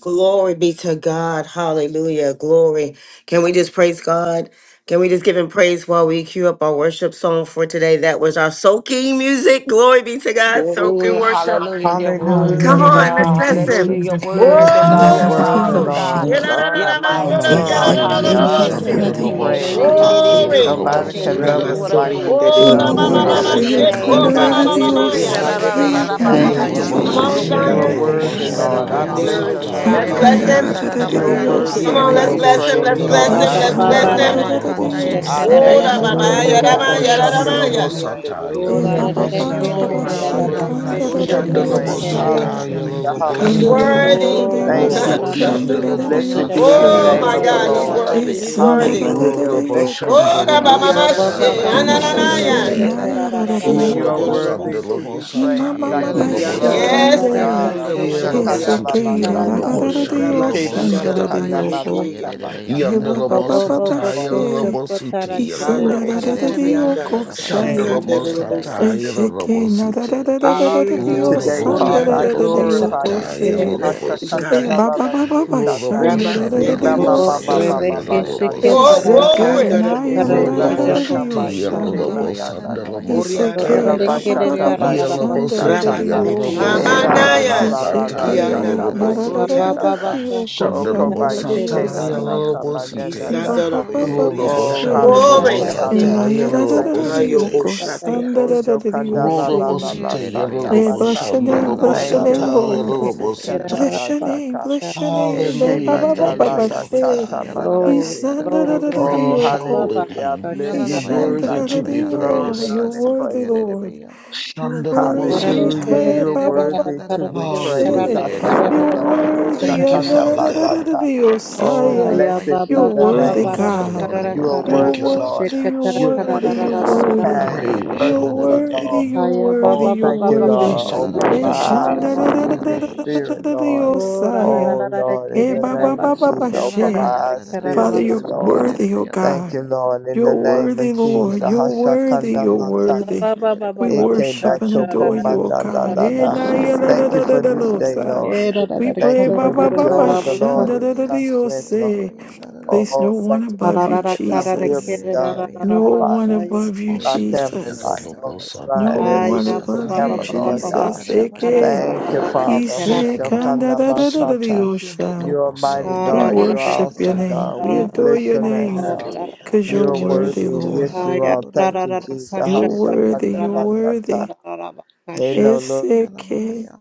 Glory be to God. Hallelujah. Glory. Can we just praise God? Can we just give him praise while we cue up our worship song for today? That was our soaking music. Glory be to God. Glory, Soaking worship. hallelujah, you're Hallelujah. Come worthy, Hallelujah. on, Thank you, let's Thank God. you, listen. Hallelujah, Jesus. you're Jesus. Glory worthy, to your You God. are You're name. worthy, awesome, Whoa! God. Hallelujah. Lord. Kandadaririyoshiki, God, I You're give you Thank mighty, you, glory. God. I Father. give you Hallelujah. Hallelujah, honor. I King give of you King, Yerere isikindadarariyosha, praise. beyaz Shandalobosataya sata, Glory. King of Nobody yerere can Kings, and the love lobosite. beyan us Lord of like dorara Ramasori you Lords. anda can de la Oh, la bayaşat. love ma us. ma ma Bosanda Holy Rulobo ma, obabashe, Elelelebak, is your check, Hallelujah. name, oh, Yerere ma Ramaseke, Thank ma God. ma you, ma Worthy, bayastik, ma, shandalobosataya. yeah. Jesus. yerere kandadarariyosiki, Icarobo beyan Shotori darara Thank you, anda bayan Come ikilin, Yelobosite on, Jesus. daya. You are Zion. Rabashikando, yelobo worthy, yadadarariyoshandarayosi, Şiyerere Lord. I bless Mandelo bayastik, your God. name, shandalobosataya Let's Bosori yerere Lord. bless anda beyan him. darara Rabase, You lobosite. are bayan Worthy to worthy Come dororo be on, to Ianda let's ikandadarariyosaya, be praised. Rulobo bayasok. bless him, Ramasori praised, let's Ba bless Lord. ba him, I ba let's ba Abashanda bless ba shandalobosataya ba ba glorify Roba him. you. Rabase, bakanda lobosite. I yerere ishandadarariyosaya, Oh, da beyan ba magnify ba darara Kesotori you, ya da anda Father. ma Rulobo ya sa. da Lift bayasata, da yadadarariyossi, you ma yerere up Ramaseke, ya. in the bayahat. Orianda name la of shandalobosataya Go da da Jesus da Robosori, da da lobosite. for Yo da da da you da are ebababababashe, araba da ba yanda sa worthy ta to Aramasori da araba be ka anda da da yasik praised. da da da ye kandadarariyosaya, Rabashe, ba Shandalobosataya araba Hallelujah, yanda He's araba Ikando lobosite. hallelujah. Yeah, yasik. worthy. Robosori Go da anda da la Thank inayadadarariyossi, da you, Rulobo da ba Ramase, Şiyal Jesus. sa ka araba ta Blessed da yanda be ka kandadarariyoshe, the da araba shandalobosataya da oh da name my of da the Ramasanda da yasik la God, da ye he's da Lord. lobosite. ba araba Rabase, worthy, he's ya. Tede worthy. Hallelujah. Robosori. ayabakus, Rolabo Bless your Esandarararayoko Oh, name, da ba Shandalomo Yararama ba Father. shaya. Ro ba yandar ba Bless she Iyanana your ba araba Sataya ba ah, name, na ka na yasaça, masanda Lobo ka Father. na ka ya. yararama Isheke ka Bless your Site. rabase. yandar ka name. da da araba da ilelelebakus da da da You yaba, yasaça. da are Rolabo ba nayarararayoko. Keshanderebo sa worthy ya. to Sandalomo be soria. praised. I Sataya give you Şiyaleleme Lobo Iyanda ikaya, glory. yandar I Go give Site. da araba Yes. you da rabasande Imamamabashikande. yandar honor. kasha rebo araba ta Hosha ka yandar Yelabo da kanda araba da la sorianda. Eseke Site la ya. da da da sata. Yelobo ka yavur yararararayo Ike Shandalomo ta ya Rabasanda ya busho Şiyalalama Sataya. kanda yasaça, shandararayoko. balata rabasekeya. yararama yandar batata. araba Bo Yandalomo bo bo Oh yasaça, bo Sataya Lord, yararama bless kusha Ebababababashe. Lobo yandar. ka your ta name. Site da ka da Bless da da Yelobo da da Site. ba Yararama Harabasorianda yandar Isandarararayoko your araba name. Bless your kerere ya name. saya. yasaça, rabashikande Shandalomo Bless your yararama rebo name. Sataya saya. yasok. Bless your Esheke name. Lobo Site. I honor you Eya narararararayo Şiyalalama today, Rolabo yandar Baraka Father. araba I basorianda yandar Shandalomo rabaki. glorify araba sandarararayoko shakatara you Sataya yasaça, today. kerera she. yararama Lobo Blessed be Hashakanda God la kusha. Site. yasaça. la today. la liye sasa. Rolabo Yararama Eba Ramasende yandar Shandalomo ba Robo ba rebo ba she. Ebababababashandarararayose. ba yasok, ba Sataya rebeke ba yararama Lobo shata yandar ba Oh, Site. shiketara yaka. Eseke glory. Ikanda yasaça, ramandara na rebo ya yararama. da Eke karar da ba da da sorianda da kerera da shaka Rulobosite yo ma rabase. bakusha. yeke ba Yolalama shande. na yandar na na. yasok, Orianda Ela Iseke Rorare yelobosandalomosataya. ba ba yararama ba ba yandar shata ba kerera ba ba ramashatariya. rarara yeke shande ba da da Yelobosite bakusha da tata. kara yo. Ah, ho. kerere ma Rabaseteya. Ela na la Şiyalalabaya la kararaba. ya. la sokoya la la Isheke yelobosandalomosataya yerebe shata ya ba da da yelobosite. da yandarabaya yeke Iandaramasoria Baba da ba da baba da sa. haya. andarabashi. yo kasha ko Oko shande katara ba da da yo yeke Shandalomosataya kerera ba Şiyalalabaya bakusha si. shata ba na yelobosite. na Di yandarabaya na ba ba ta. ba sokoya ba Kisandarabosori ba Oh, she. andarabashi. Glory. hallelujah, yalalabaya takiri Na Ruloboshandalomosataya ya hallelujah. yandarabaya da kurara da Thank da soto da you, da yelobosite. yerebe yo Jesus. ko katara Hayoboshatea. yandarabaya shande da da kerera da sat. da bakusha. Oshokanda yo la she. la la la Rulobosite Yerebe sata Eh, bless bata. your yasiki name, yalalabaya bless your Thank you, Varaba name, yeloboshandalomosataya Lord. Lord. yandarabaya sat yelobosite. Heshekanda kerera yerabaya Bless la your haya. name, taka. bless your bakasha. name. Eh, Eke Ba Hallelujah. ba ba manda ba Thank la you, Şiyerebe ba la Father she. yasiki tata God. yalalabaya Glory, mandashi. I yandarabaya glory, Oh, haya praise soko. your He baba holy baba hallelujah. name. Bless You're your Yalalabaya kasha name. I worthy to give yandarabaya you be Ishandarariyo, glory, yandarebe praised. You're honor, and yasoko worthy, praises. yerebe Lord. yandaya. You're Orara worthy. Hallelujah. kerere Kaya Shandalabosataya. You're ba Yerebe ba karara ba worthy ba to ba ba be yandarabaya karake praised. soko she. karara I Hallelujah. thank yerebe you, You're karara moto Lord. yandarabaya worthy. Thank you, karara Hoshakanda Father God. balata. Andararararariyo, şu Oh, Saya. Aya blessed Şoyalanabaya, You're be baba the baba worthy, dararabaya, name of barara the God. Lord. karara You siçiyerebaya, Hallelujah. are karara You're haya. Thank you, worthy, Father kashe Lord. worthy. God. You're katara You're karara worthy. You're Şiyalanabaya, gracious. You're rarara worthy. kind. You're Praise your sokuyerebaya, You're holy merciful, dararabaya, worthy. Lord. name. You're sat. Aya worthy. Oh, baba You're thank baba you, baba You're worthy. Lord. so kashe Open worthy Şiyalanabaya, to my be karara eyes to wor- basta see satuyerebaya, your praised. dararabaya, spirit, Lord. Ishandarararararariyo, Hallelujah. satuyerebaya, Orara dar. Oh, Saya. rarara Lord, in Eh, the kerere ba ba name ba of rabashi ba ba Jesus, der open my she. Yalanabaya, karara eyes karara Father, dararabaya, spiritually, you're rabasta Lord. worthy, oh sokuyerebaya, God. Thank you, dararabaya. Lord, in You're the name of worthy, Jesus. Lord. You're Şiyalanabaya, worthy. Hashakanda You're satuyerebaya, lataka. worthy. Baba baba We siçiyerebaya, baba Eke haya. worship and kashe batoko adore rarara you, O manda la karara God. la Eh, la. na, rabasta Yerebaya, ya, la, la, Thank la, you la, for la, this lo, satuyerebaya, day, sa. Lord. dararabaya, Era We rarara daya. Thank pray, you karara ba, for the ba, ba, rarara joy ba, of the rabasta Lord shanda, da, is da, da, Şiyalanabaya, my yo, strength, Lord. say. sokuyerebaya, Place dararabaya, Oh, no thank one sat. you above for you, that thy will be Jesus. Yerere done in my beyanlar No life, one arabaya, Arararakararakerarararabasaya. above you, my yerere beyan family saç yer Jesus. life, Lobosandalabosataya. on arabaya, this No line as it one is in above you, heaven, yerere Lord God. beyanlar Jesus. Lobosita. arabaya, Eke, Thank soku you, yerere Father. Who beyanlar ise, shall Ayababababababasharararararekerarara. come arabaya, kanda, now da, by da, saç da, da, da, yo, Shandalabositaya. You sha. are mighty We yerere God. You beyan are worship soku your awesome name. yalara God. Lobosandalabosataya. We We beyanlar adore bless your your arabaya, name, name saç God. Hallelujah. Ararararekerararararararara. because You you're are Thank you, Father worthy, şu worthy. God. Lord. yalara Yes, you beyan are. doğru Thank you, arabaya, Jesus. soç You're yerere worthy, beyanlar you're Hashakandamanata. arabaya, worthy. Ayararararakashakararararararabakasha. Hello, It's Lord. şu sick. yalara beyan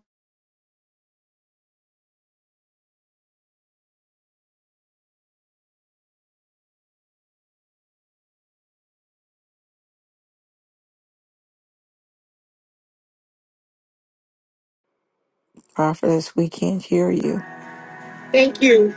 Prophetess, we can't hear you. Thank you.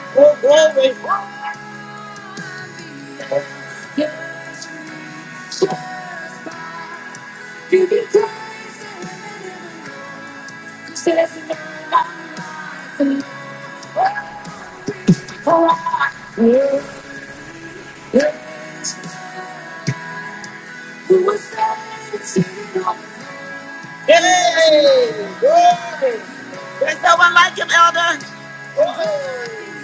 Oh, glory. Hey, glory. There's no one like him, Elder. Oh.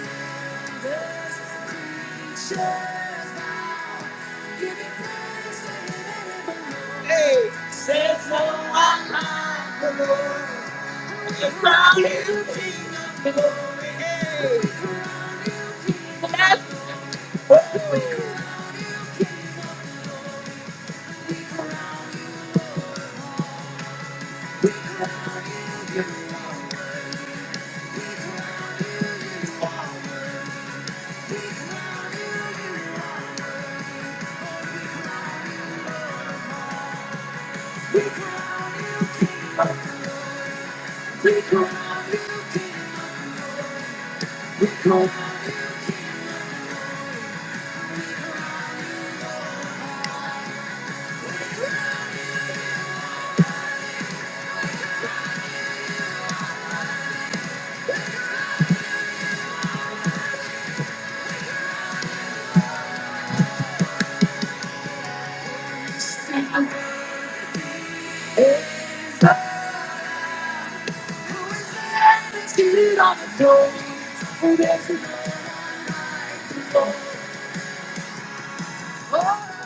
Hey, says no, I love the Lord. It's about you, King of glory. Hey.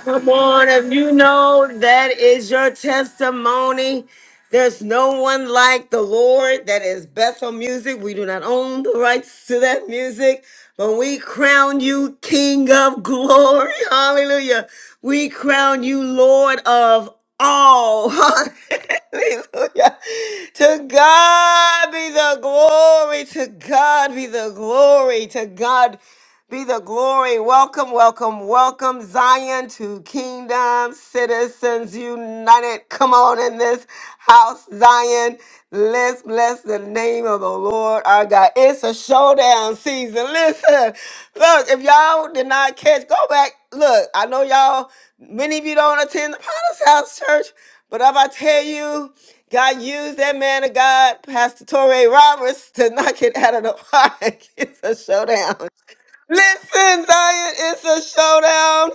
Come on, if you know that is your testimony. There's no one like the Lord. That is Bethel music. We do not own the rights to that music, but we crown you King of glory. Hallelujah. We crown you Lord of all. Hallelujah. To God be the glory. To God be the glory. To God. Be the glory. Welcome, welcome, welcome, Zion to Kingdom Citizens United. Come on in this house, Zion. Let's bless the name of the Lord our God. It's a showdown season. Listen, look, if y'all did not catch, go back. Look, I know y'all, many of you don't attend the Potter's House Church, but if I tell you, God used that man of God, Pastor Torrey Roberts, to knock it out of the park. It's a showdown. Listen, Zion, it's a showdown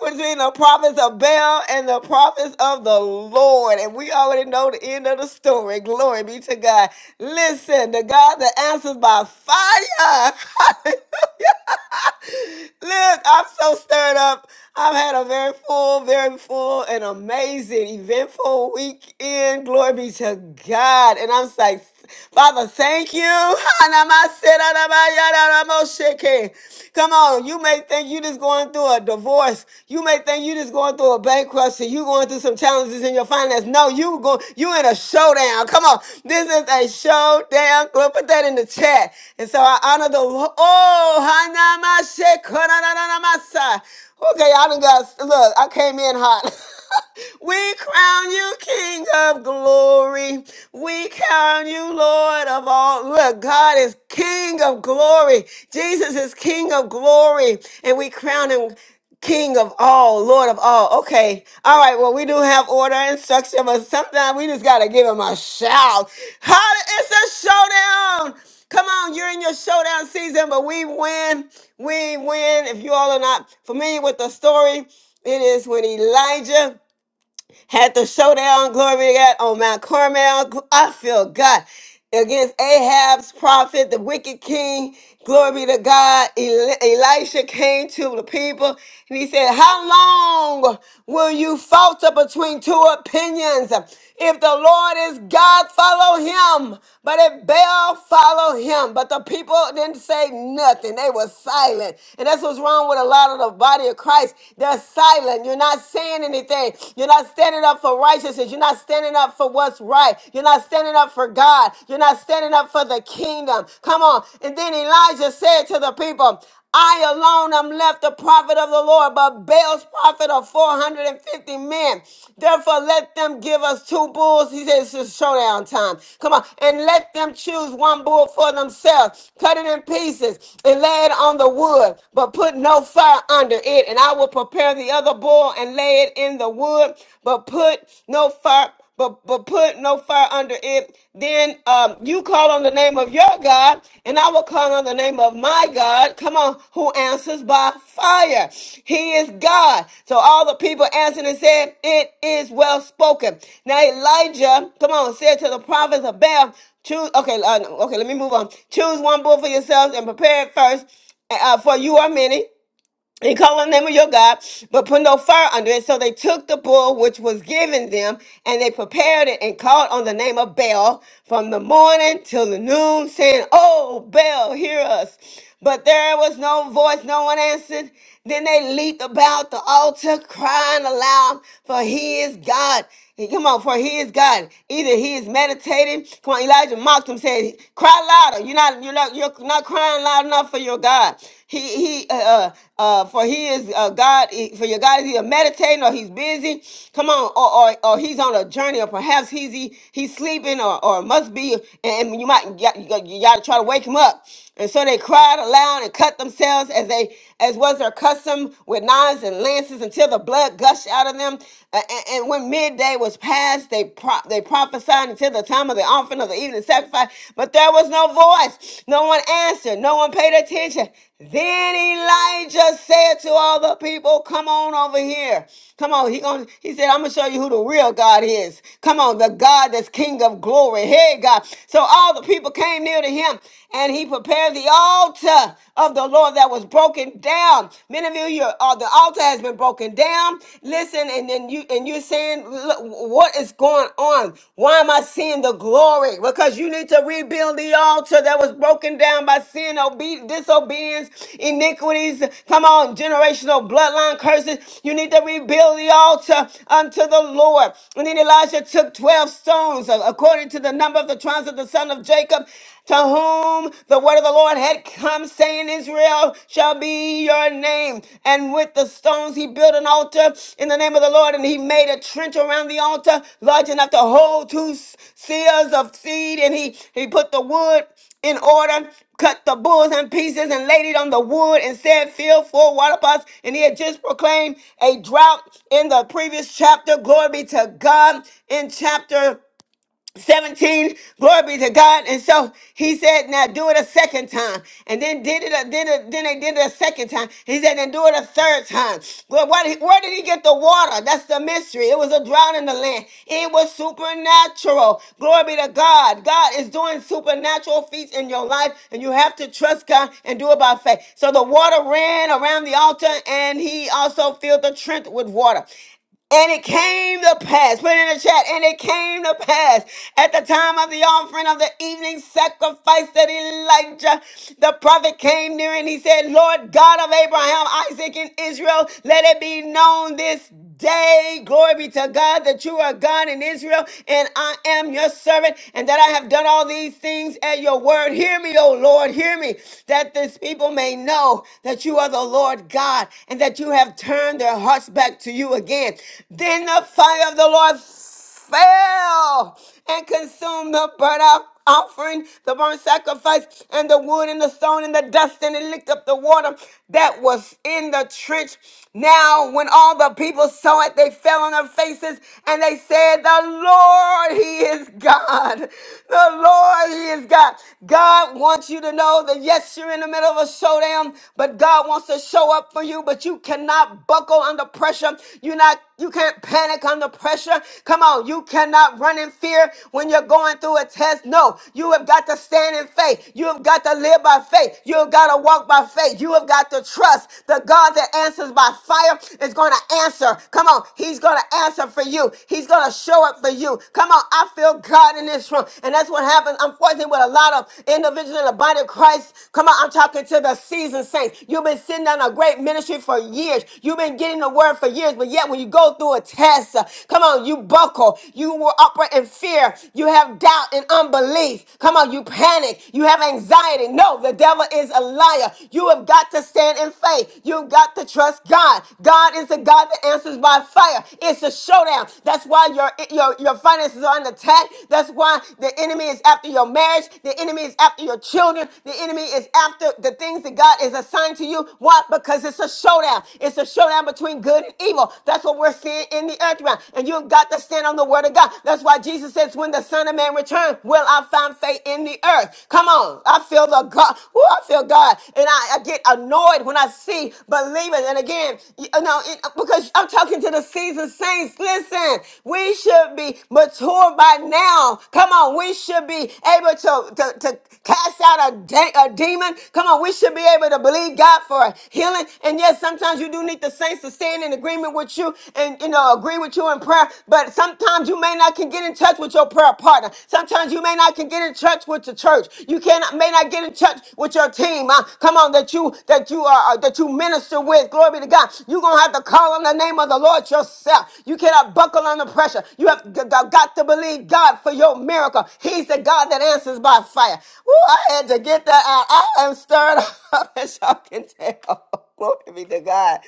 between the prophets of Baal and the prophets of the Lord. And we already know the end of the story. Glory be to God. Listen, the God that answers by fire. Hallelujah. Look, I'm so stirred up. I've had a very full, very full, and amazing, eventful weekend. Glory be to God. And I'm like, Father, thank you. Hanamaserarabayararamosheke. Come on, you may think you just going through a divorce. You may think you just going through a bankruptcy. You going through some challenges in your finance. No, you go, you in a showdown. Come on, this is a showdown. Go Put that in the chat. And so I honor the Lord. Oh, Hanamashekoranamasa. Okay, I done got look. I came in hot. We crown you King of glory. We crown you Lord of all. Look, God is King of glory. Jesus is King of glory. And we crown him King of all, Lord of all. Okay. All right. Well, we do have order and structure, but sometimes we just got to give him a shout. Holla, it's a showdown. Come on, you're in your showdown season, but we win. We win. If you all are not familiar with the story, it is when Elijah had the showdown, glory to God, on Mount Carmel. I feel God against Ahab's prophet, the wicked king. Glory be to God. Eli- Elisha came to the people and he said, How long will you falter between two opinions? If the Lord is God, follow him. But if Baal, follow him. But the people didn't say nothing. They were silent. And that's what's wrong with a lot of the body of Christ. They're silent. You're not saying anything. You're not standing up for righteousness. You're not standing standing up for what's right. You're not standing up for God. You're not standing up for the kingdom. Come on. And then Elijah said to the people, I alone am left the prophet of the Lord, but Baal's prophet of 450 men. Therefore, let them give us two bulls. He says it's showdown time. Come on. And let them choose one bull for themselves. Cut it in pieces and lay it on the wood, but put no fire under it. And I will prepare the other bull and and lay it in the wood, but put no fire, but, but put no fire under it. Then um, you call on the name of your God, and I will call on the name of my God. Come on, who answers by fire. He is God. So all the people answered and said, It is well spoken. Now Elijah, come on, said to the prophets of Baal, Choose, okay, uh, okay, let me move on. Choose one bull for yourselves and prepare it first, uh, for you are many and call on the name of your God, but put no fire under it. So they took the bull which was given them, and they prepared it and called on the name of Baal from the morning till the noon, saying, Oh, Baal, hear us. But there was no voice, no one answered. Then they leaped about the altar, crying aloud, For he is God. Come on, for he is God. Either he is meditating. Come on, Elijah mocked him, said, Cry louder. You're not you're not you're not crying loud enough for your God. He he uh uh uh, for he is uh God for your God is either meditating or he's busy. Come on, or or, or he's on a journey, or perhaps he's he, he's sleeping or, or must be and you might you got, you got to try to wake him up. And so they cried aloud and cut themselves as they as was their custom with knives and lances until the blood gushed out of them. A- a- And, when midday was past, they pro- they prophesied until the time of the offering of the evening sacrifice. But there was no voice, no one answered, no one paid attention. Then Elijah said to all the people, "Come on over here. Come on. He going He said, "I'm gonna show you who the real God is. Come on, the God that's King of Glory. Hey, God. So all the people came." came near to him and he prepared the altar of the Lord that was broken down. Many of you, your uh, the altar has been broken down. Listen, and then you and you're saying, look, what is going on? Why am I seeing the glory? Because you need to rebuild the altar that was broken down by sin, obe- disobedience, iniquities. Come on, generational bloodline curses. You need to rebuild the altar unto the Lord. And then Elijah took 12 stones uh, according to the number of the of the tribes of the son of Jacob, to whom the word of the Lord had come, saying, Israel shall be your name. And with the stones he built an altar in the name of the Lord, and he made a trench around the altar, large enough to hold two s- seals of seed, and he, he put the wood in order, cut the bulls in pieces, and laid it on the wood, and said, Fill four water pots. And he had just proclaimed a drought in the previous chapter. Glory be to God in chapter 17 glory be to god and so he said now do it a second time and then did it a, did it, then they did it a second time he said then do it a third time well why did he, where did he get the water that's the mystery it was a drought in the land it was supernatural glory be to god god is doing supernatural feats in your life and you have to trust god and do it by faith so the water ran around the altar and he also filled the trench with water and it came to pass, put it in the chat, and it came to pass at the time of the offering of the evening sacrifice that Elijah the prophet came near and he said, Lord God of Abraham, Isaac, and Israel, let it be known this day, glory be to God, that you are God in Israel, and I am your servant, and that I have done all these things at your word. Hear me, O Lord, hear me, that this people may know that you are the Lord God, and that you have you have turned their hearts back to you again. Then the fire of the Lord fell and consumed the burnt off- offering, the burnt sacrifice, and the wood and the stone and the dust, and it licked up the water that was in the trench. Now, when all the people saw it, they fell on their faces and they said, The Lord, He is God. The Lord, He is God. God wants you to know that yes, you're in the middle of a showdown him, but God wants to show up for you, but you cannot buckle under pressure. You're not, you can't panic under pressure. Come on, you cannot run in fear when you're going through a test. No, you have got to stand in faith. You have got to live by faith. You have got to walk by faith. You have got to trust the God that answers by fire is going to answer. Come on, He's going to answer for you. He's going to show up for you. Come on, I feel God in this room, and that's what happens. Unfortunately, with a lot of individuals in the in the body of Christ. Come on, I'm talking to the seasoned saints. You've been sitting on a great ministry for years. You've been getting the word for years, but yet when you go through a test, uh, come on, you buckle. You were operate in fear. You have doubt and unbelief. Come on, you panic. You have anxiety. No, the devil is a liar. You have got to stand in faith. You've got to trust God. God is the God that answers by fire. It's a showdown. That's why your your your finances are under attack. That's why the enemy enemy is after your marriage. The enemy is after your children. The enemy is after the things that God is assigned to you. Why? Because it's a showdown. It's a showdown between good and evil. That's what we're seeing in the earth realm. And you've got to stand on the word of God. That's why Jesus says, when the Son of Man returns, will I find faith in the earth? Come on. I feel the God. Woo, I feel God. And I, I get annoyed when I see believers. And again, you know, it- because I'm talking to the seasoned saints. Listen, we should be be mature by now. Come on, we should be able to, to, to cast out a, de- a demon. Come on, we should be able to believe God for healing. And yes, sometimes you do need the saints to stand in agreement with you and, you know, agree with you in prayer. But sometimes you may not can get in touch with your prayer partner. Sometimes you may not can get in touch with the church. You cannot, may not get in touch with your team. huh? Come on, that you, that you are, uh, that you minister with. Glory be to God. You're going to have to call on the name of the Lord yourself yourself. You cannot buckle under pressure. You have g- g- got to believe God for your miracle. He's the God that answers by fire. Ooh, I had to get that out. I am stirred up, as y'all can tell. Glory be to God.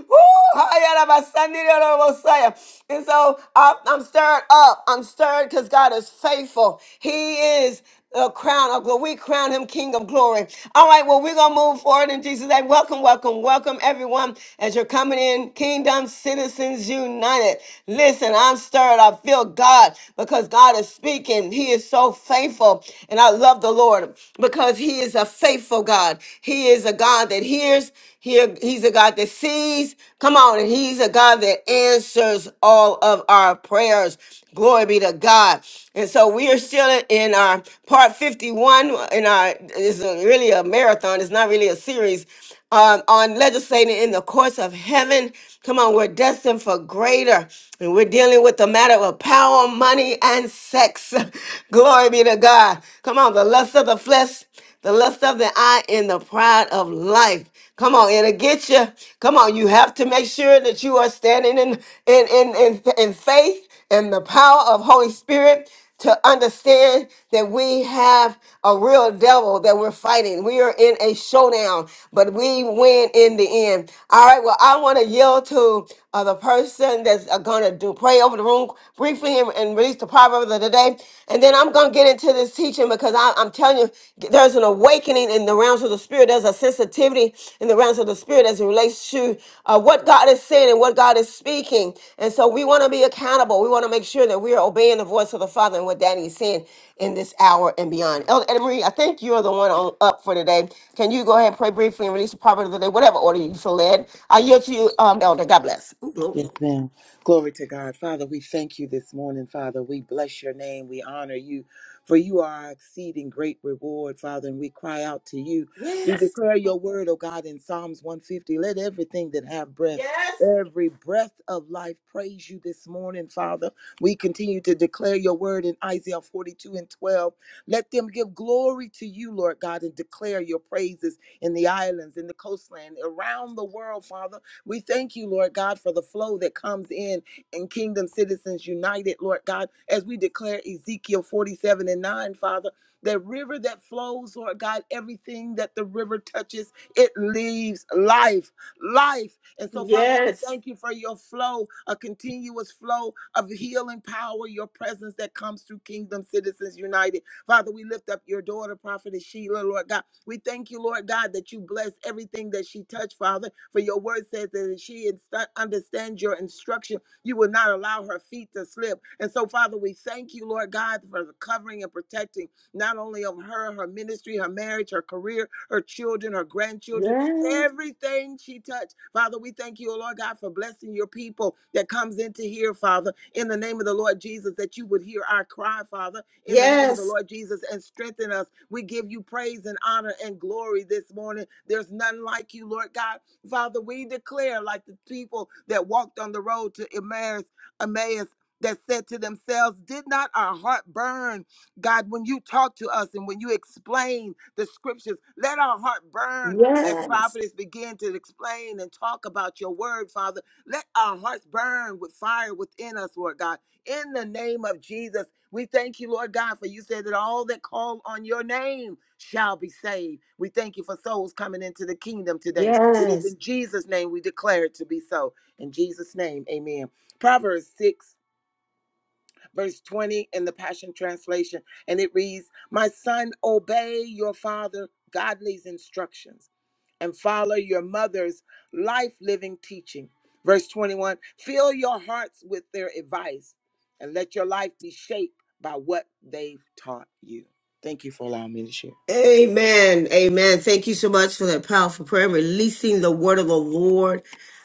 Ooh, hi ya da ba san di da Messiah. And so I- I'm stirred up. I'm stirred because God is faithful. He is a crown of glory. We crown him King of glory. All right, well, we're going to move forward in Jesus' name. Welcome, welcome, welcome, everyone, as you're coming in. Kingdom Citizens United. Listen, I'm stirred. I feel God because God is speaking. He is so faithful. And I love the Lord because he is a faithful God. He is a God that hears. He, he's a God that sees. Come on. And he's a God that answers all of our prayers. Glory be to God. And so we are still in our our part 51 in our is really a marathon. It's not really a series um, on legislating in the courts of heaven. Come on, we're destined for greater. And we're dealing with the matter of power, money, and sex. Glory be to God. Come on, the lust of the flesh, the lust of the eye, and the pride of life. Come on, it'll get you. Come on, you have to make sure that you are standing in in in in, in faith and the power of Holy Spirit to understand that we have a real devil that we're fighting. We are in a showdown, but we win in the end. All right. Well, I want to yield to uh, the person that are going to do pray over the room briefly and, and release the proverb of the day and then i'm going to get into this teaching because I, i'm telling you there's an awakening in the realms of the spirit there's a sensitivity in the realms of the spirit as it relates to uh, what god is saying and what god is speaking and so we want to be accountable we want to make sure that we are obeying the voice of the father and what daddy is saying in this hour and beyond elder Anna marie i think you're the one on up for today can you go ahead and pray briefly and release the proverb of the day whatever order you feel led i yield to you um, elder god bless Yes, ma'am. Glory to God. Father, we thank you this morning, Father. We bless your name. We honor you, for you are our exceeding great reward, Father, and we cry out to you. We declare your word, O God, in Psalms 150. Let everything that have breath, Yes. every breath of life, praise you this morning, Father. We continue to declare your word in Isaiah 42 and 12. Let them give glory to you, Lord God, and declare your praises in the islands, in the coastland, around the world, Father. We thank you, Lord God, for the flow that comes in in Kingdom Citizens United, Lord God, as we declare Ezekiel 47 and 9, Father. That river that flows, Lord God, everything that the river touches, it leaves life, life. And so, Father, we Yes. thank you for your flow, a continuous flow of healing power, your presence that comes through Kingdom Citizens United. Father, we lift up your daughter, Prophetess Sheila, Lord God. We thank you, Lord God, that you bless everything that she touched, Father. For your word says that if she inst- understands your instruction, you will not allow her feet to slip. And so, Father, we thank you, Lord God, for the covering and protecting not only of her, her ministry, her marriage, her career, her children, her grandchildren Yes. everything she touched. Father, we thank you, O Lord God, for blessing your people that comes into here, Father, in the name of the Lord Jesus, that you would hear our cry, Father, in the name of the Yes. Lord Jesus, and strengthen us. We give you praise and honor and glory this morning. There's none like you, Lord God. Father, we declare, like the people that walked on the road to Emmaus, Emmaus that said to themselves, Did not our heart burn, God, when you talk to us and when you explain the scriptures? Let our heart burn as Yes. prophets begin to explain and talk about your word, Father, let our hearts burn with fire within us, Lord God. In the name of Jesus, we thank you, Lord God, for you said that all that call on your name shall be saved. We thank you for souls coming into the kingdom today. It is Yes. in Jesus' name we declare it to be so. In Jesus' name, amen. Proverbs 6, verse 20 in the Passion Translation, and it reads, My son, obey your father, godly's instructions and follow your mother's life living teaching. Verse 21 Fill your hearts with their advice and let your life be shaped by what they've taught you. Thank you for allowing me to share. Amen. Amen. Thank you so much for that powerful prayer. Releasing the word of the Lord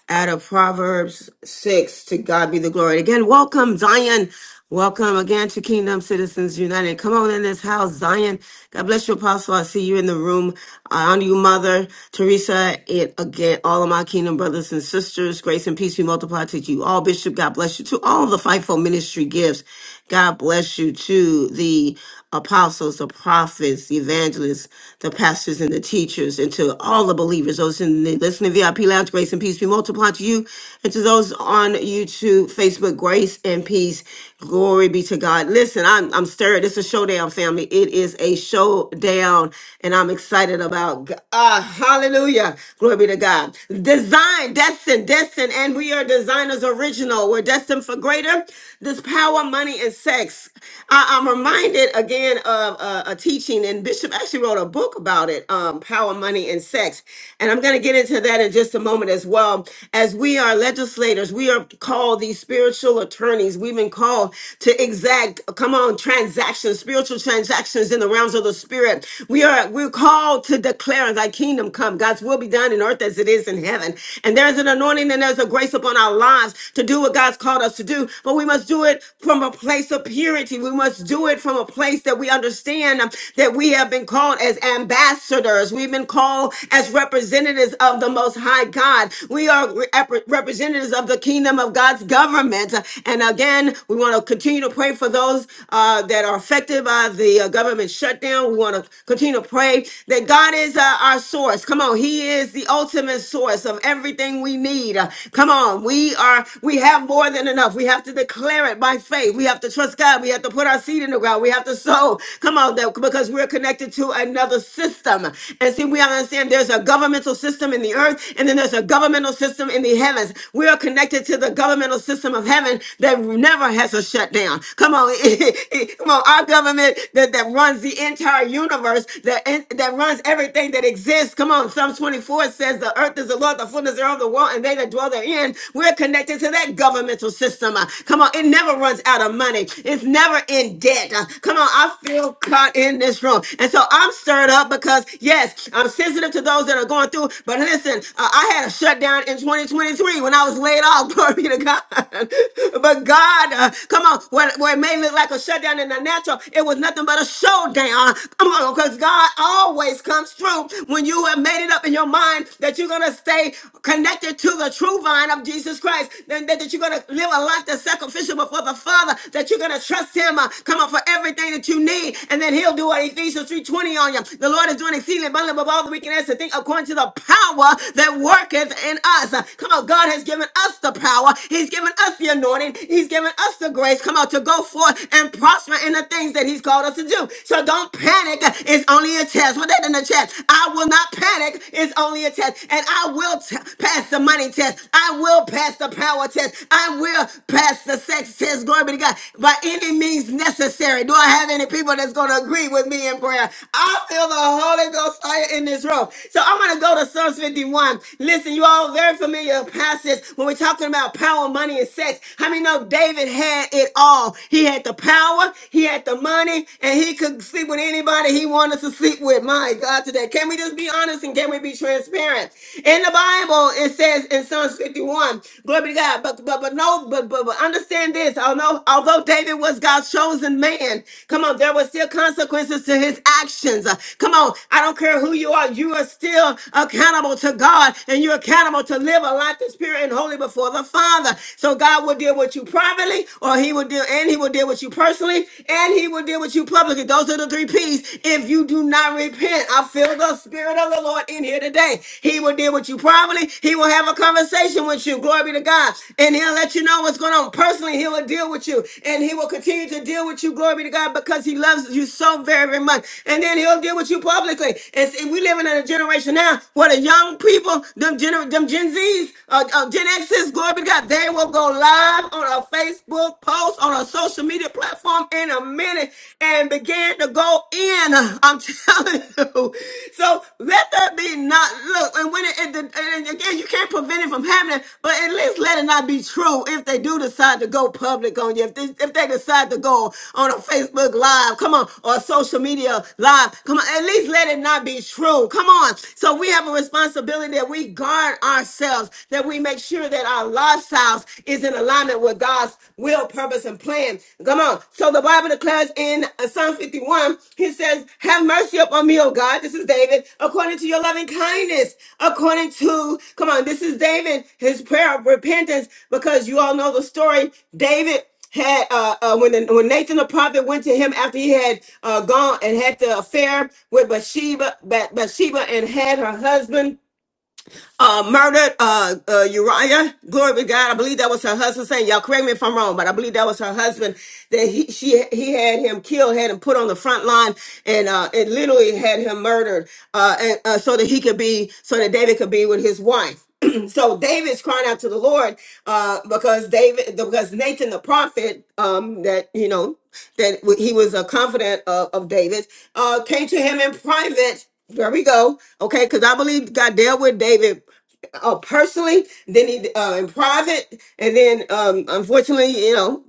out of Proverbs 6. To God be the glory. Again, welcome, Zion. Welcome again to Kingdom Citizens United. Come on in this house, Zion. God bless you, Apostle. I see you in the room. I honor you, Mother Teresa. It again, all of my Kingdom brothers and sisters. Grace and peace be multiplied to you all, Bishop. God bless you to all the fivefold ministry gifts. God bless you to the apostles, the prophets, the evangelists, the pastors, and the teachers, and to all the believers, those in the listening VIP lounge, grace and peace be multiplied to you, and to those on YouTube, Facebook, grace and peace, glory be to God. Listen, I'm, I'm stirred. It's a showdown, family. It is a showdown, and I'm excited about. G- Ah, hallelujah, glory be to God. Design, destined, destined, and we are designers original. We're destined for greater. This power, money, and sex. I, I'm reminded again of a, a teaching, and Bishop actually wrote a book about it um, Power, Money, and Sex. And I'm going to get into that in just a moment as well. As we are legislators, we are called these spiritual attorneys. We've been called to exact, come on, transactions, spiritual transactions in the realms of the spirit. We are, we're called to declare thy kingdom come, God's will be done in earth as it is in heaven. And there's an anointing and there's a grace upon our lives to do what God's called us us to do, but we must do it from a place of purity. We must do it from a place that we understand um, that we have been called as ambassadors. We've been called as representatives of the Most High God. We are rep- representatives of the kingdom of God's government. And again, we want to continue to pray for those uh, that are affected by the uh, government shutdown. We want to continue to pray that God is uh, our source. Come on, He is the ultimate source of everything we need. Come on, we are we have more than enough. We have to declare it by faith. We have to trust God. We have to put our seed in the ground. We have to sow. Come on, though, because we're connected to another system. And see, we understand there's a governmental system in the earth, and then there's a governmental system in the heavens. We are connected to the governmental system of heaven that never has a shutdown. Come on, come on, our government that, that runs the entire universe, that that runs everything that exists. Come on, Psalm 24 says the earth earth is the Lord, the fullness thereof, the world, and they that dwell therein. We're connected to that governmental system. Uh, Come on, it never runs out of money. It's never in debt. Uh, Come on, I feel caught in this room. And so I'm stirred up because, yes, I'm sensitive to those that are going through. But listen, uh, I had a shutdown in 2023 when I was laid off. Glory be to God. but God, uh, come on, where, where it may look like a shutdown in the natural, it was nothing but a showdown. Come on, because God always comes through when you have made it up in your mind that you're going to stay connected to the true vine of Jesus Christ, then that, that you're going to live a life that's sacrificial before the Father, that you're going to trust Him, uh, come on, for everything that you need, and then He'll do what Ephesians 3.20 on you. The Lord is doing exceedingly abundantly above all that we can ask to think according to the power that worketh in us. Uh, come on, God has given us the power. He's given us the anointing. He's given us the grace, come on, to go forth and prosper in the things that He's called us to do. So don't panic It's only a test. Put that in the chat. I will not panic. It's only a test. And I will t- pass the money test. I will pass the power test. I will pass the sex test. Glory be to God. By any means necessary. Do I have any people that's going to agree with me in prayer? I feel the Holy Ghost fire in this room. So I'm going to go to Psalms 51. Listen, you all very familiar passage when we're talking about power, money, and sex. How many know David had it all? He had the power. He had the of money and he could sleep with anybody he wanted to sleep with. My God, today. Can we just be honest and can we be transparent? In the Bible, it says in Psalms 51, glory be to God. But but but no, but but, but understand this. Although although David was God's chosen man, come on, there were still consequences to his actions. Uh, Come on, I don't care who you are, you are still accountable to God, and you're accountable to live a life that's pure and holy before the Father. So God will deal with you privately, or He will will deal, and he will deal with you personally, and he will deal with you publicly. Those are the three P's. If you do not repent, I feel the spirit of the Lord in here today. He will deal with you privately. He will have a conversation with you. Glory be to God. And he'll let you know what's going on. Personally, he will deal with you, and he will continue to deal with you. Glory be to God because he loves you so very, very much. And then he'll deal with you publicly. And see, we living in a generation now where the young people, them, gener- them Gen Zs, uh, uh, Gen Xs, glory be to God, they will go go live on a Facebook post on a social media platform in a minute and begin to go in. I'm telling you. So let that be not look. And when it, it and again, you can't prevent it from happening, but at least let it not be true if they do decide to go public on you. If they, if they decide to go on a Facebook live, come on, or a social media live, come on. At least let it not be true. Come on. So we have a responsibility that we guard ourselves that we make sure that our lifestyles is in alignment with God's will, purpose, and plan. Come on. So the Bible declares in uh, Psalm 51, he says, Have mercy upon me, O God. This is David, according to your loving kindness, according to, come on, this is David, his prayer of repentance, because you all know the story. David had uh, uh when the, when Nathan the prophet went to him after he had uh gone and had the affair with Bathsheba, Ba- Bathsheba and had her husband uh, murdered uh, uh, Uriah. Glory be to God. I believe that was her husband saying, y'all correct me if I'm wrong, but I believe that was her husband that he, she, he had him killed, had him put on the front line and, uh, it literally had him murdered, uh, and, uh, so that he could be, so that David could be with his wife. so David's crying out to the Lord uh, because David, because Nathan the prophet, um, that you know that w- he was a confidant of, of David, uh, came to him in private. There we go. Okay, because I believe God dealt with David uh, personally, then he uh, in private, and then um, unfortunately, you know.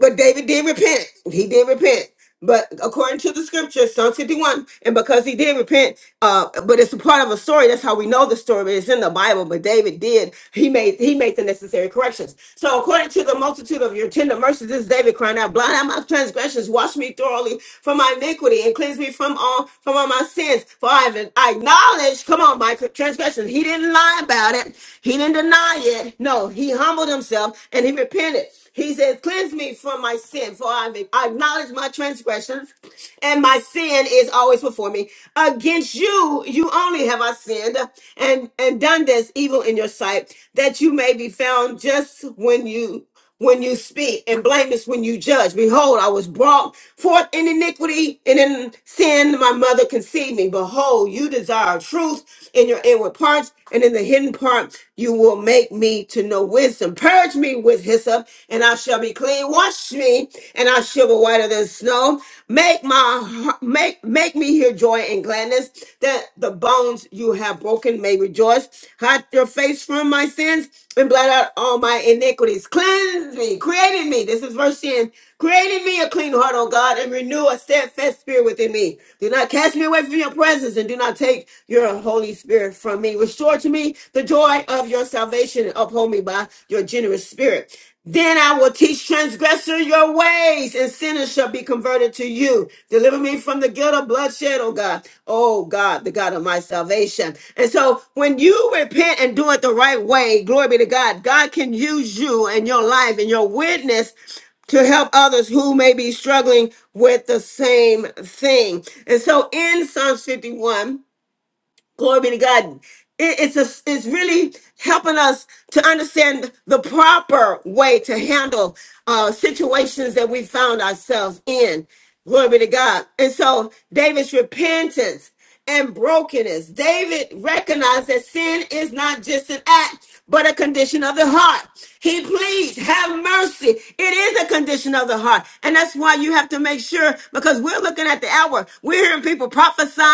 But David did repent. He did repent. But according to the scripture, Psalm 51, and because he did repent, uh, but it's a part of a story. That's how we know the story. But it's in the Bible. But David did. He made he made the necessary corrections. So according to the multitude of your tender mercies, this is David crying out, "Blot out my transgressions, wash me thoroughly from my iniquity, and cleanse me from all from all my sins. For I have acknowledged, come on, my transgressions. He didn't lie about it. He didn't deny it. No, he humbled himself and he repented. He says, Cleanse me from my sin, for I acknowledge my transgressions, and my sin is always before me. Against you, you only have I sinned and, and done this evil in your sight, that you may be found just when you when you speak and blameless when you judge judged. Behold, I was brought forth in iniquity, and in sin my mother conceived me. Behold, you desire truth in your inward parts, and in the hidden part you will make me to know wisdom. Purge me with hyssop, and I shall be clean. Wash me, and I shall be whiter than snow. Make my heart- make make me hear joy and gladness, that the bones you have broken may rejoice. Hide your face from my sins and blot out all my iniquities. Cleanse me, creating me. This is verse 10. Creating me a clean heart, O God, and renew a steadfast spirit within me. Do not cast me away from your presence, and do not take your Holy Spirit from me. Restore to me the joy of your salvation, and uphold me by your generous spirit. Then I will teach transgressor your ways, and sinners shall be converted to you. Deliver me from the guilt of bloodshed, oh God. Oh God, the God of my salvation. And so when you repent and do it the right way, glory be to God, God can use you and your life and your witness to help others who may be struggling with the same thing. And so in Psalms 51, Glory be to God. It- it's a, it's really helping us to understand the proper way to handle uh, situations that we found ourselves in. Glory be to God. And so David's repentance and brokenness. David recognized that sin is not just an act, but a condition of the heart. He pleads, have mercy. It is a condition of the heart. And that's why you have to make sure, because we're looking at the hour. We're hearing people prophesying.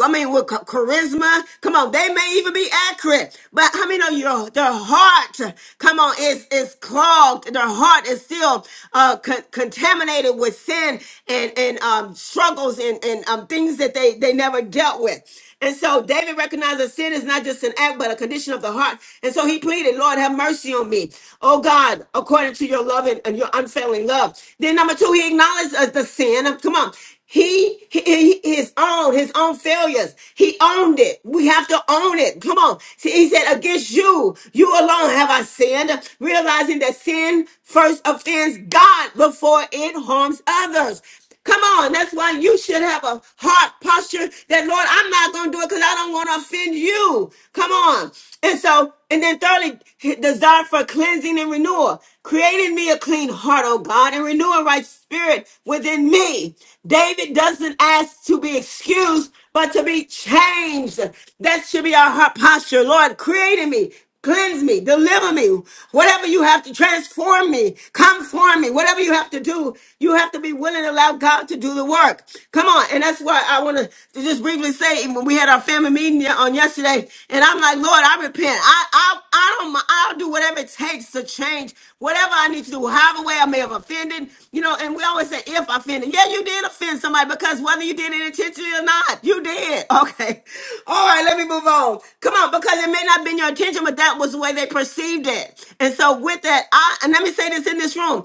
I mean, with ch- charisma. Come on. They may even be accurate, but how many know your, their heart, come on, is, is clogged. Their heart is still uh, con- contaminated with sin and and um, struggles and and um, things that they they never dealt with. And so David recognized that sin is not just an act, but a condition of the heart. And so he pleaded, Lord, have mercy on me. Oh God, according to your love and, and your unfailing love. Then number two, he acknowledged uh, the sin. Uh, Come on. He, he he- his own his own failures. He owned it. We have to own it. Come on. See, he said, "Against you, you alone have I sinned." Realizing that sin first offends God before it harms others. Come on, that's why you should have a heart posture that, Lord, I'm not going to do it because I don't want to offend you. Come on. And so, and then thirdly, desire for cleansing and renewal. Creating me a clean heart, oh God, and renew a right spirit within me. David doesn't ask to be excused, but to be changed. That should be our heart posture. Lord, create in me. Cleanse me, deliver me, whatever you have to transform me, come for me, whatever you have to do, you have to be willing to allow God to do the work. Come on. And that's why I want to just briefly say when we had our family meeting on yesterday, and I'm like, Lord, I repent. I, I, I don't, mi- I'll do whatever it takes to change whatever I I need to do however way I may have offended, you know, and we always say if offended. Yeah, you did offend somebody because whether you did it intentionally or not, you did. Okay. All right, let me move on. Come on, because it may not have been your intention, but that was the way they perceived it. And so with that, I and let me say this in this room.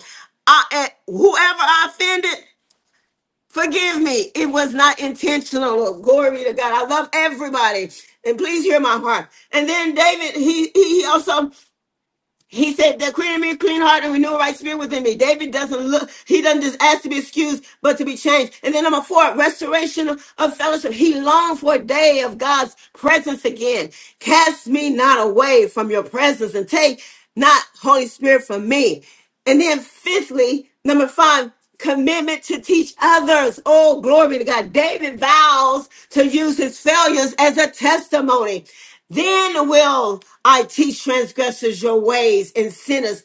I and whoever I offended, forgive me. It was not intentional. Glory be to God. I love everybody. And please hear my heart. And then David, he he he also he said that created me a clean heart and renew a right spirit within me. David doesn't look, he doesn't just ask to be excused, but to be changed. And then number four, restoration of, of fellowship. He longed for a day of God's presence again. Cast me not away from your presence and take not Holy Spirit from me. And then fifthly, number five, commitment to teach others. Oh, glory to God. David vows to use his failures as a testimony. Then will I teach transgressors your ways and sinners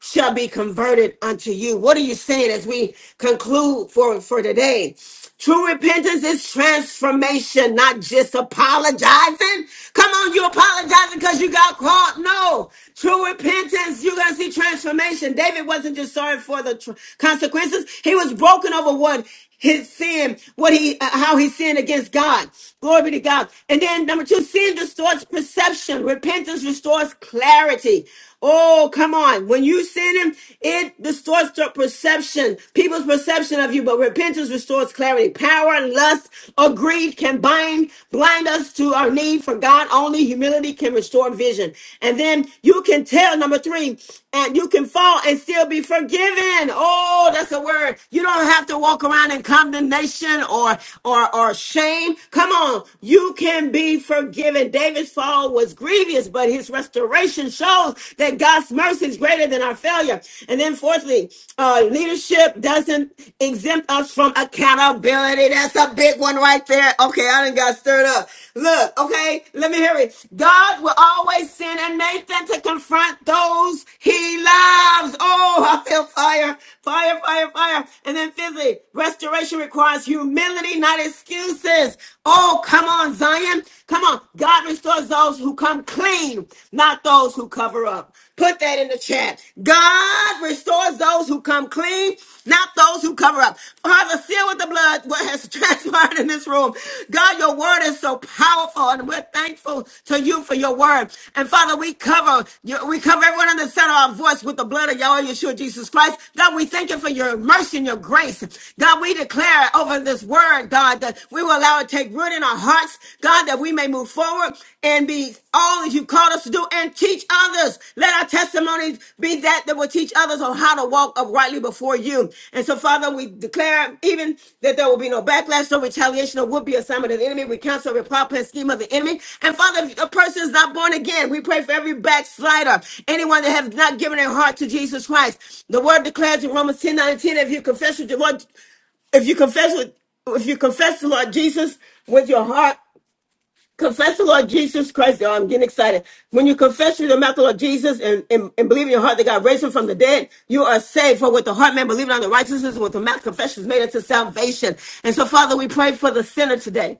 shall be converted unto you. What are you saying as we conclude for, for today? True repentance is transformation, not just apologizing. Come on, you apologizing because you got caught. No. True repentance, you're going to see transformation. David wasn't just sorry for the tr- consequences. He was broken over what his sin, what he, uh, how he sinned against God. Glory be to God. And then number two, sin distorts perception. Repentance restores clarity. Oh, come on. When you sin him, it distorts the perception, people's perception of you, but repentance restores clarity. Power, lust, or greed can bind, blind us to our need for God. Only humility can restore vision. And then you can tell, number three, and you can fall and still be forgiven. Oh, that's a word. You don't have to walk around in condemnation or or or shame. Come on, you can be forgiven. David's fall was great grievous, but his restoration shows that God's mercy is greater than our failure. And then, fourthly, uh, leadership doesn't exempt us from accountability. That's a big one right there. Okay, I done got stirred up. Look, okay, let me hear it. God will always send a Nathan to confront those he loves. Oh, I feel fire, fire, fire, fire. And then, fifthly, restoration requires humility, not excuses. Oh, come on, Zion lying. Come on. God restores those who come clean, not those who cover up. Put that in the chat. God restores those who come clean, not those who cover up. Father, seal with the blood what has transpired in this room. God, your word is so powerful, and we're thankful to you for your word. And Father, we cover you, we cover everyone in the center of our voice with the blood of Yahweh Yeshua Jesus Christ. God, we thank you for your mercy and your grace. God, we declare over this word, God. God, that we will allow it to take root in our hearts, God, that we may move forward and be all that you called us to do and teach others. Let our testimonies be that that will teach others on how to walk uprightly before you. And so, Father, we declare even that there will be no backlash, no retaliation, or would be assignment of the enemy. We cancel every plot, plan, scheme of the enemy. And Father, if a person is not born again, we pray for every backslider, anyone that has not given their heart to Jesus Christ. The word declares in Romans 10 19, if you confess with your Lord if you confess with if you confess the Lord Jesus with your heart, confess the Lord Jesus Christ. Oh, I'm getting excited. When you confess with your mouth the Lord Jesus and, and, and believe in your heart that God raised him from the dead, you are saved. For with the heart man believing on the righteousness, and with the mouth confession is made unto salvation. And so, Father, we pray for the sinner today.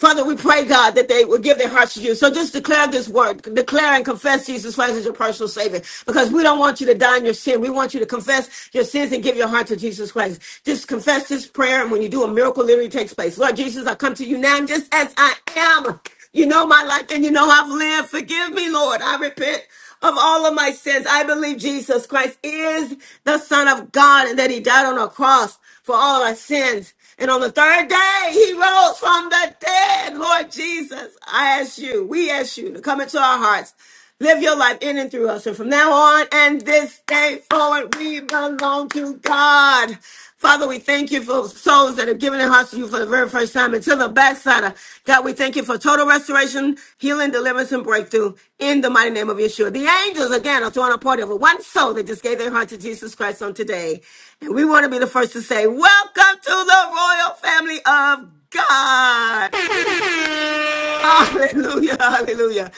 Father, we pray, God, that they will give their hearts to you. So just declare this word, declare and confess Jesus Christ as your personal Savior, because we don't want you to die in your sin. We want you to confess your sins and give your heart to Jesus Christ. Just confess this prayer, and when you do, a miracle literally takes place. Lord Jesus, I come to you now just as I am. You know my life and you know I've lived. Forgive me, Lord. I repent of all of my sins. I believe Jesus Christ is the Son of God and that He died on a cross for all our sins. And on the third day, he rose from the dead. Lord Jesus, I ask you, we ask you to come into our hearts. Live your life in and through us. And from now on and this day forward, we belong to God. Father, we thank you for souls that have given their hearts to you for the very first time until the backside. God, we thank you for total restoration, healing, deliverance, and breakthrough in the mighty name of Yeshua. The angels, again, are throwing a party over one soul that just gave their heart to Jesus Christ on today. And we want to be the first to say, Welcome to the royal family of God. Hallelujah, hallelujah.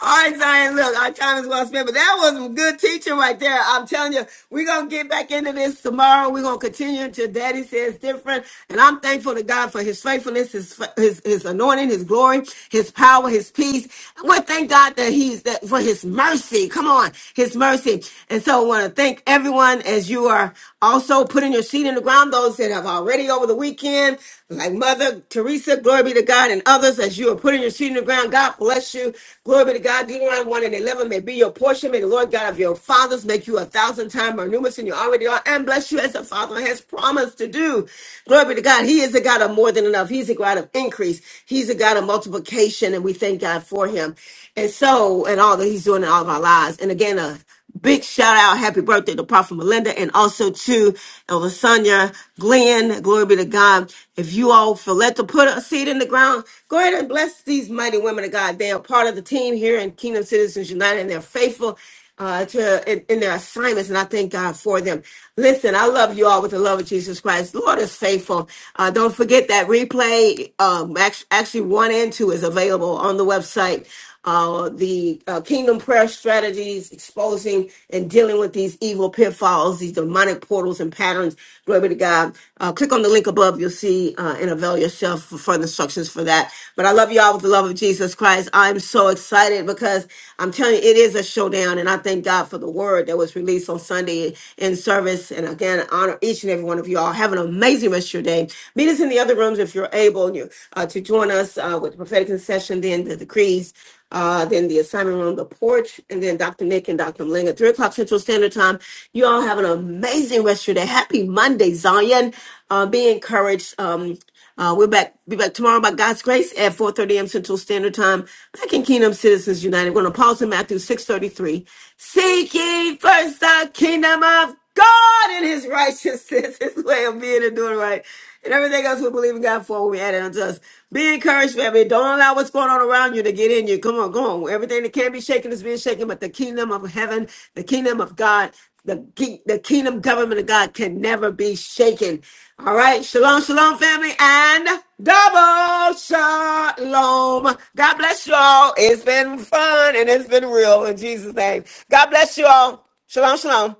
All right, Zion, look, our time is well spent, but that was some good teaching right there. I'm telling you, we're going to get back into this tomorrow. We're going to continue until Daddy says different. And I'm thankful to God for his faithfulness, his, his, his anointing, his glory, his power, his peace. And we thank God that he's that for his mercy. Come on, his mercy. And so I want to thank everyone as you are also putting your seed in the ground, those that have already over the weekend, like Mother Teresa, glory be to God, and others as you are putting your seed in the ground. God bless you. Glory be to God. Deuteronomy 1 and 11 may be your portion. May the Lord God of your fathers make you a thousand times more numerous than you already are and bless you as the Father has promised to do. Glory be to God. He is a God of more than enough. He's a God of increase. He's a God of multiplication, and we thank God for him. And so, and all that he's doing in all of our lives. And again, a. Big shout out, happy birthday to Prophet Melinda and also to Elder Sonia Glenn. Glory be to God. If you all feel led to put a seed in the ground, go ahead and bless these mighty women of God. They are part of the team here in Kingdom Citizens United and they're faithful uh, to in, in their assignments, and I thank God for them. Listen, I love you all with the love of Jesus Christ. The Lord is faithful. Uh, don't forget that replay, um, act- actually one and two is available on the website uh, the uh, Kingdom Prayer Strategies, exposing and dealing with these evil pitfalls, these demonic portals and patterns. Glory be to God. Uh, click on the link above. You'll see uh, and avail yourself for further instructions for that. But I love you all with the love of Jesus Christ. I'm so excited because I'm telling you, it is a showdown. And I thank God for the word that was released on Sunday in service. And again, honor each and every one of you all. Have an amazing rest of your day. Meet us in the other rooms if you're able. And you uh, to join us uh, with the prophetic intercession, then the decrees, uh, then the assignment room, the porch, and then Dr. Nick and Dr. Malinga, at 3 o'clock Central Standard Time. You all have an amazing rest of your day. Happy Monday, Zion. Uh, be encouraged. Um, uh, we're back. Be back tomorrow by God's grace at 4:30 a.m. Central Standard Time. Back in Kingdom Citizens United. We're going to pause in Matthew 6:33. Seek ye first the kingdom of God in his righteousness, his way of being and doing right. And everything else we believe in God for, we add it unto us. Be encouraged, family. Don't allow what's going on around you to get in you. Come on, go on. Everything that can be shaken is being shaken, but the kingdom of heaven, the kingdom of God, the, ki- the kingdom government of God can never be shaken. All right. Shalom, shalom, family, and double shalom. God bless you all. It's been fun and it's been real in Jesus' name. God bless you all. Shalom, shalom.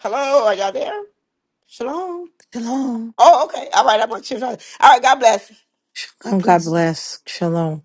Hello, are y'all there? Shalom. Shalom. Oh, okay. All right, I'm on chill. All right, God bless. God Oh, God bless. bless. Shalom.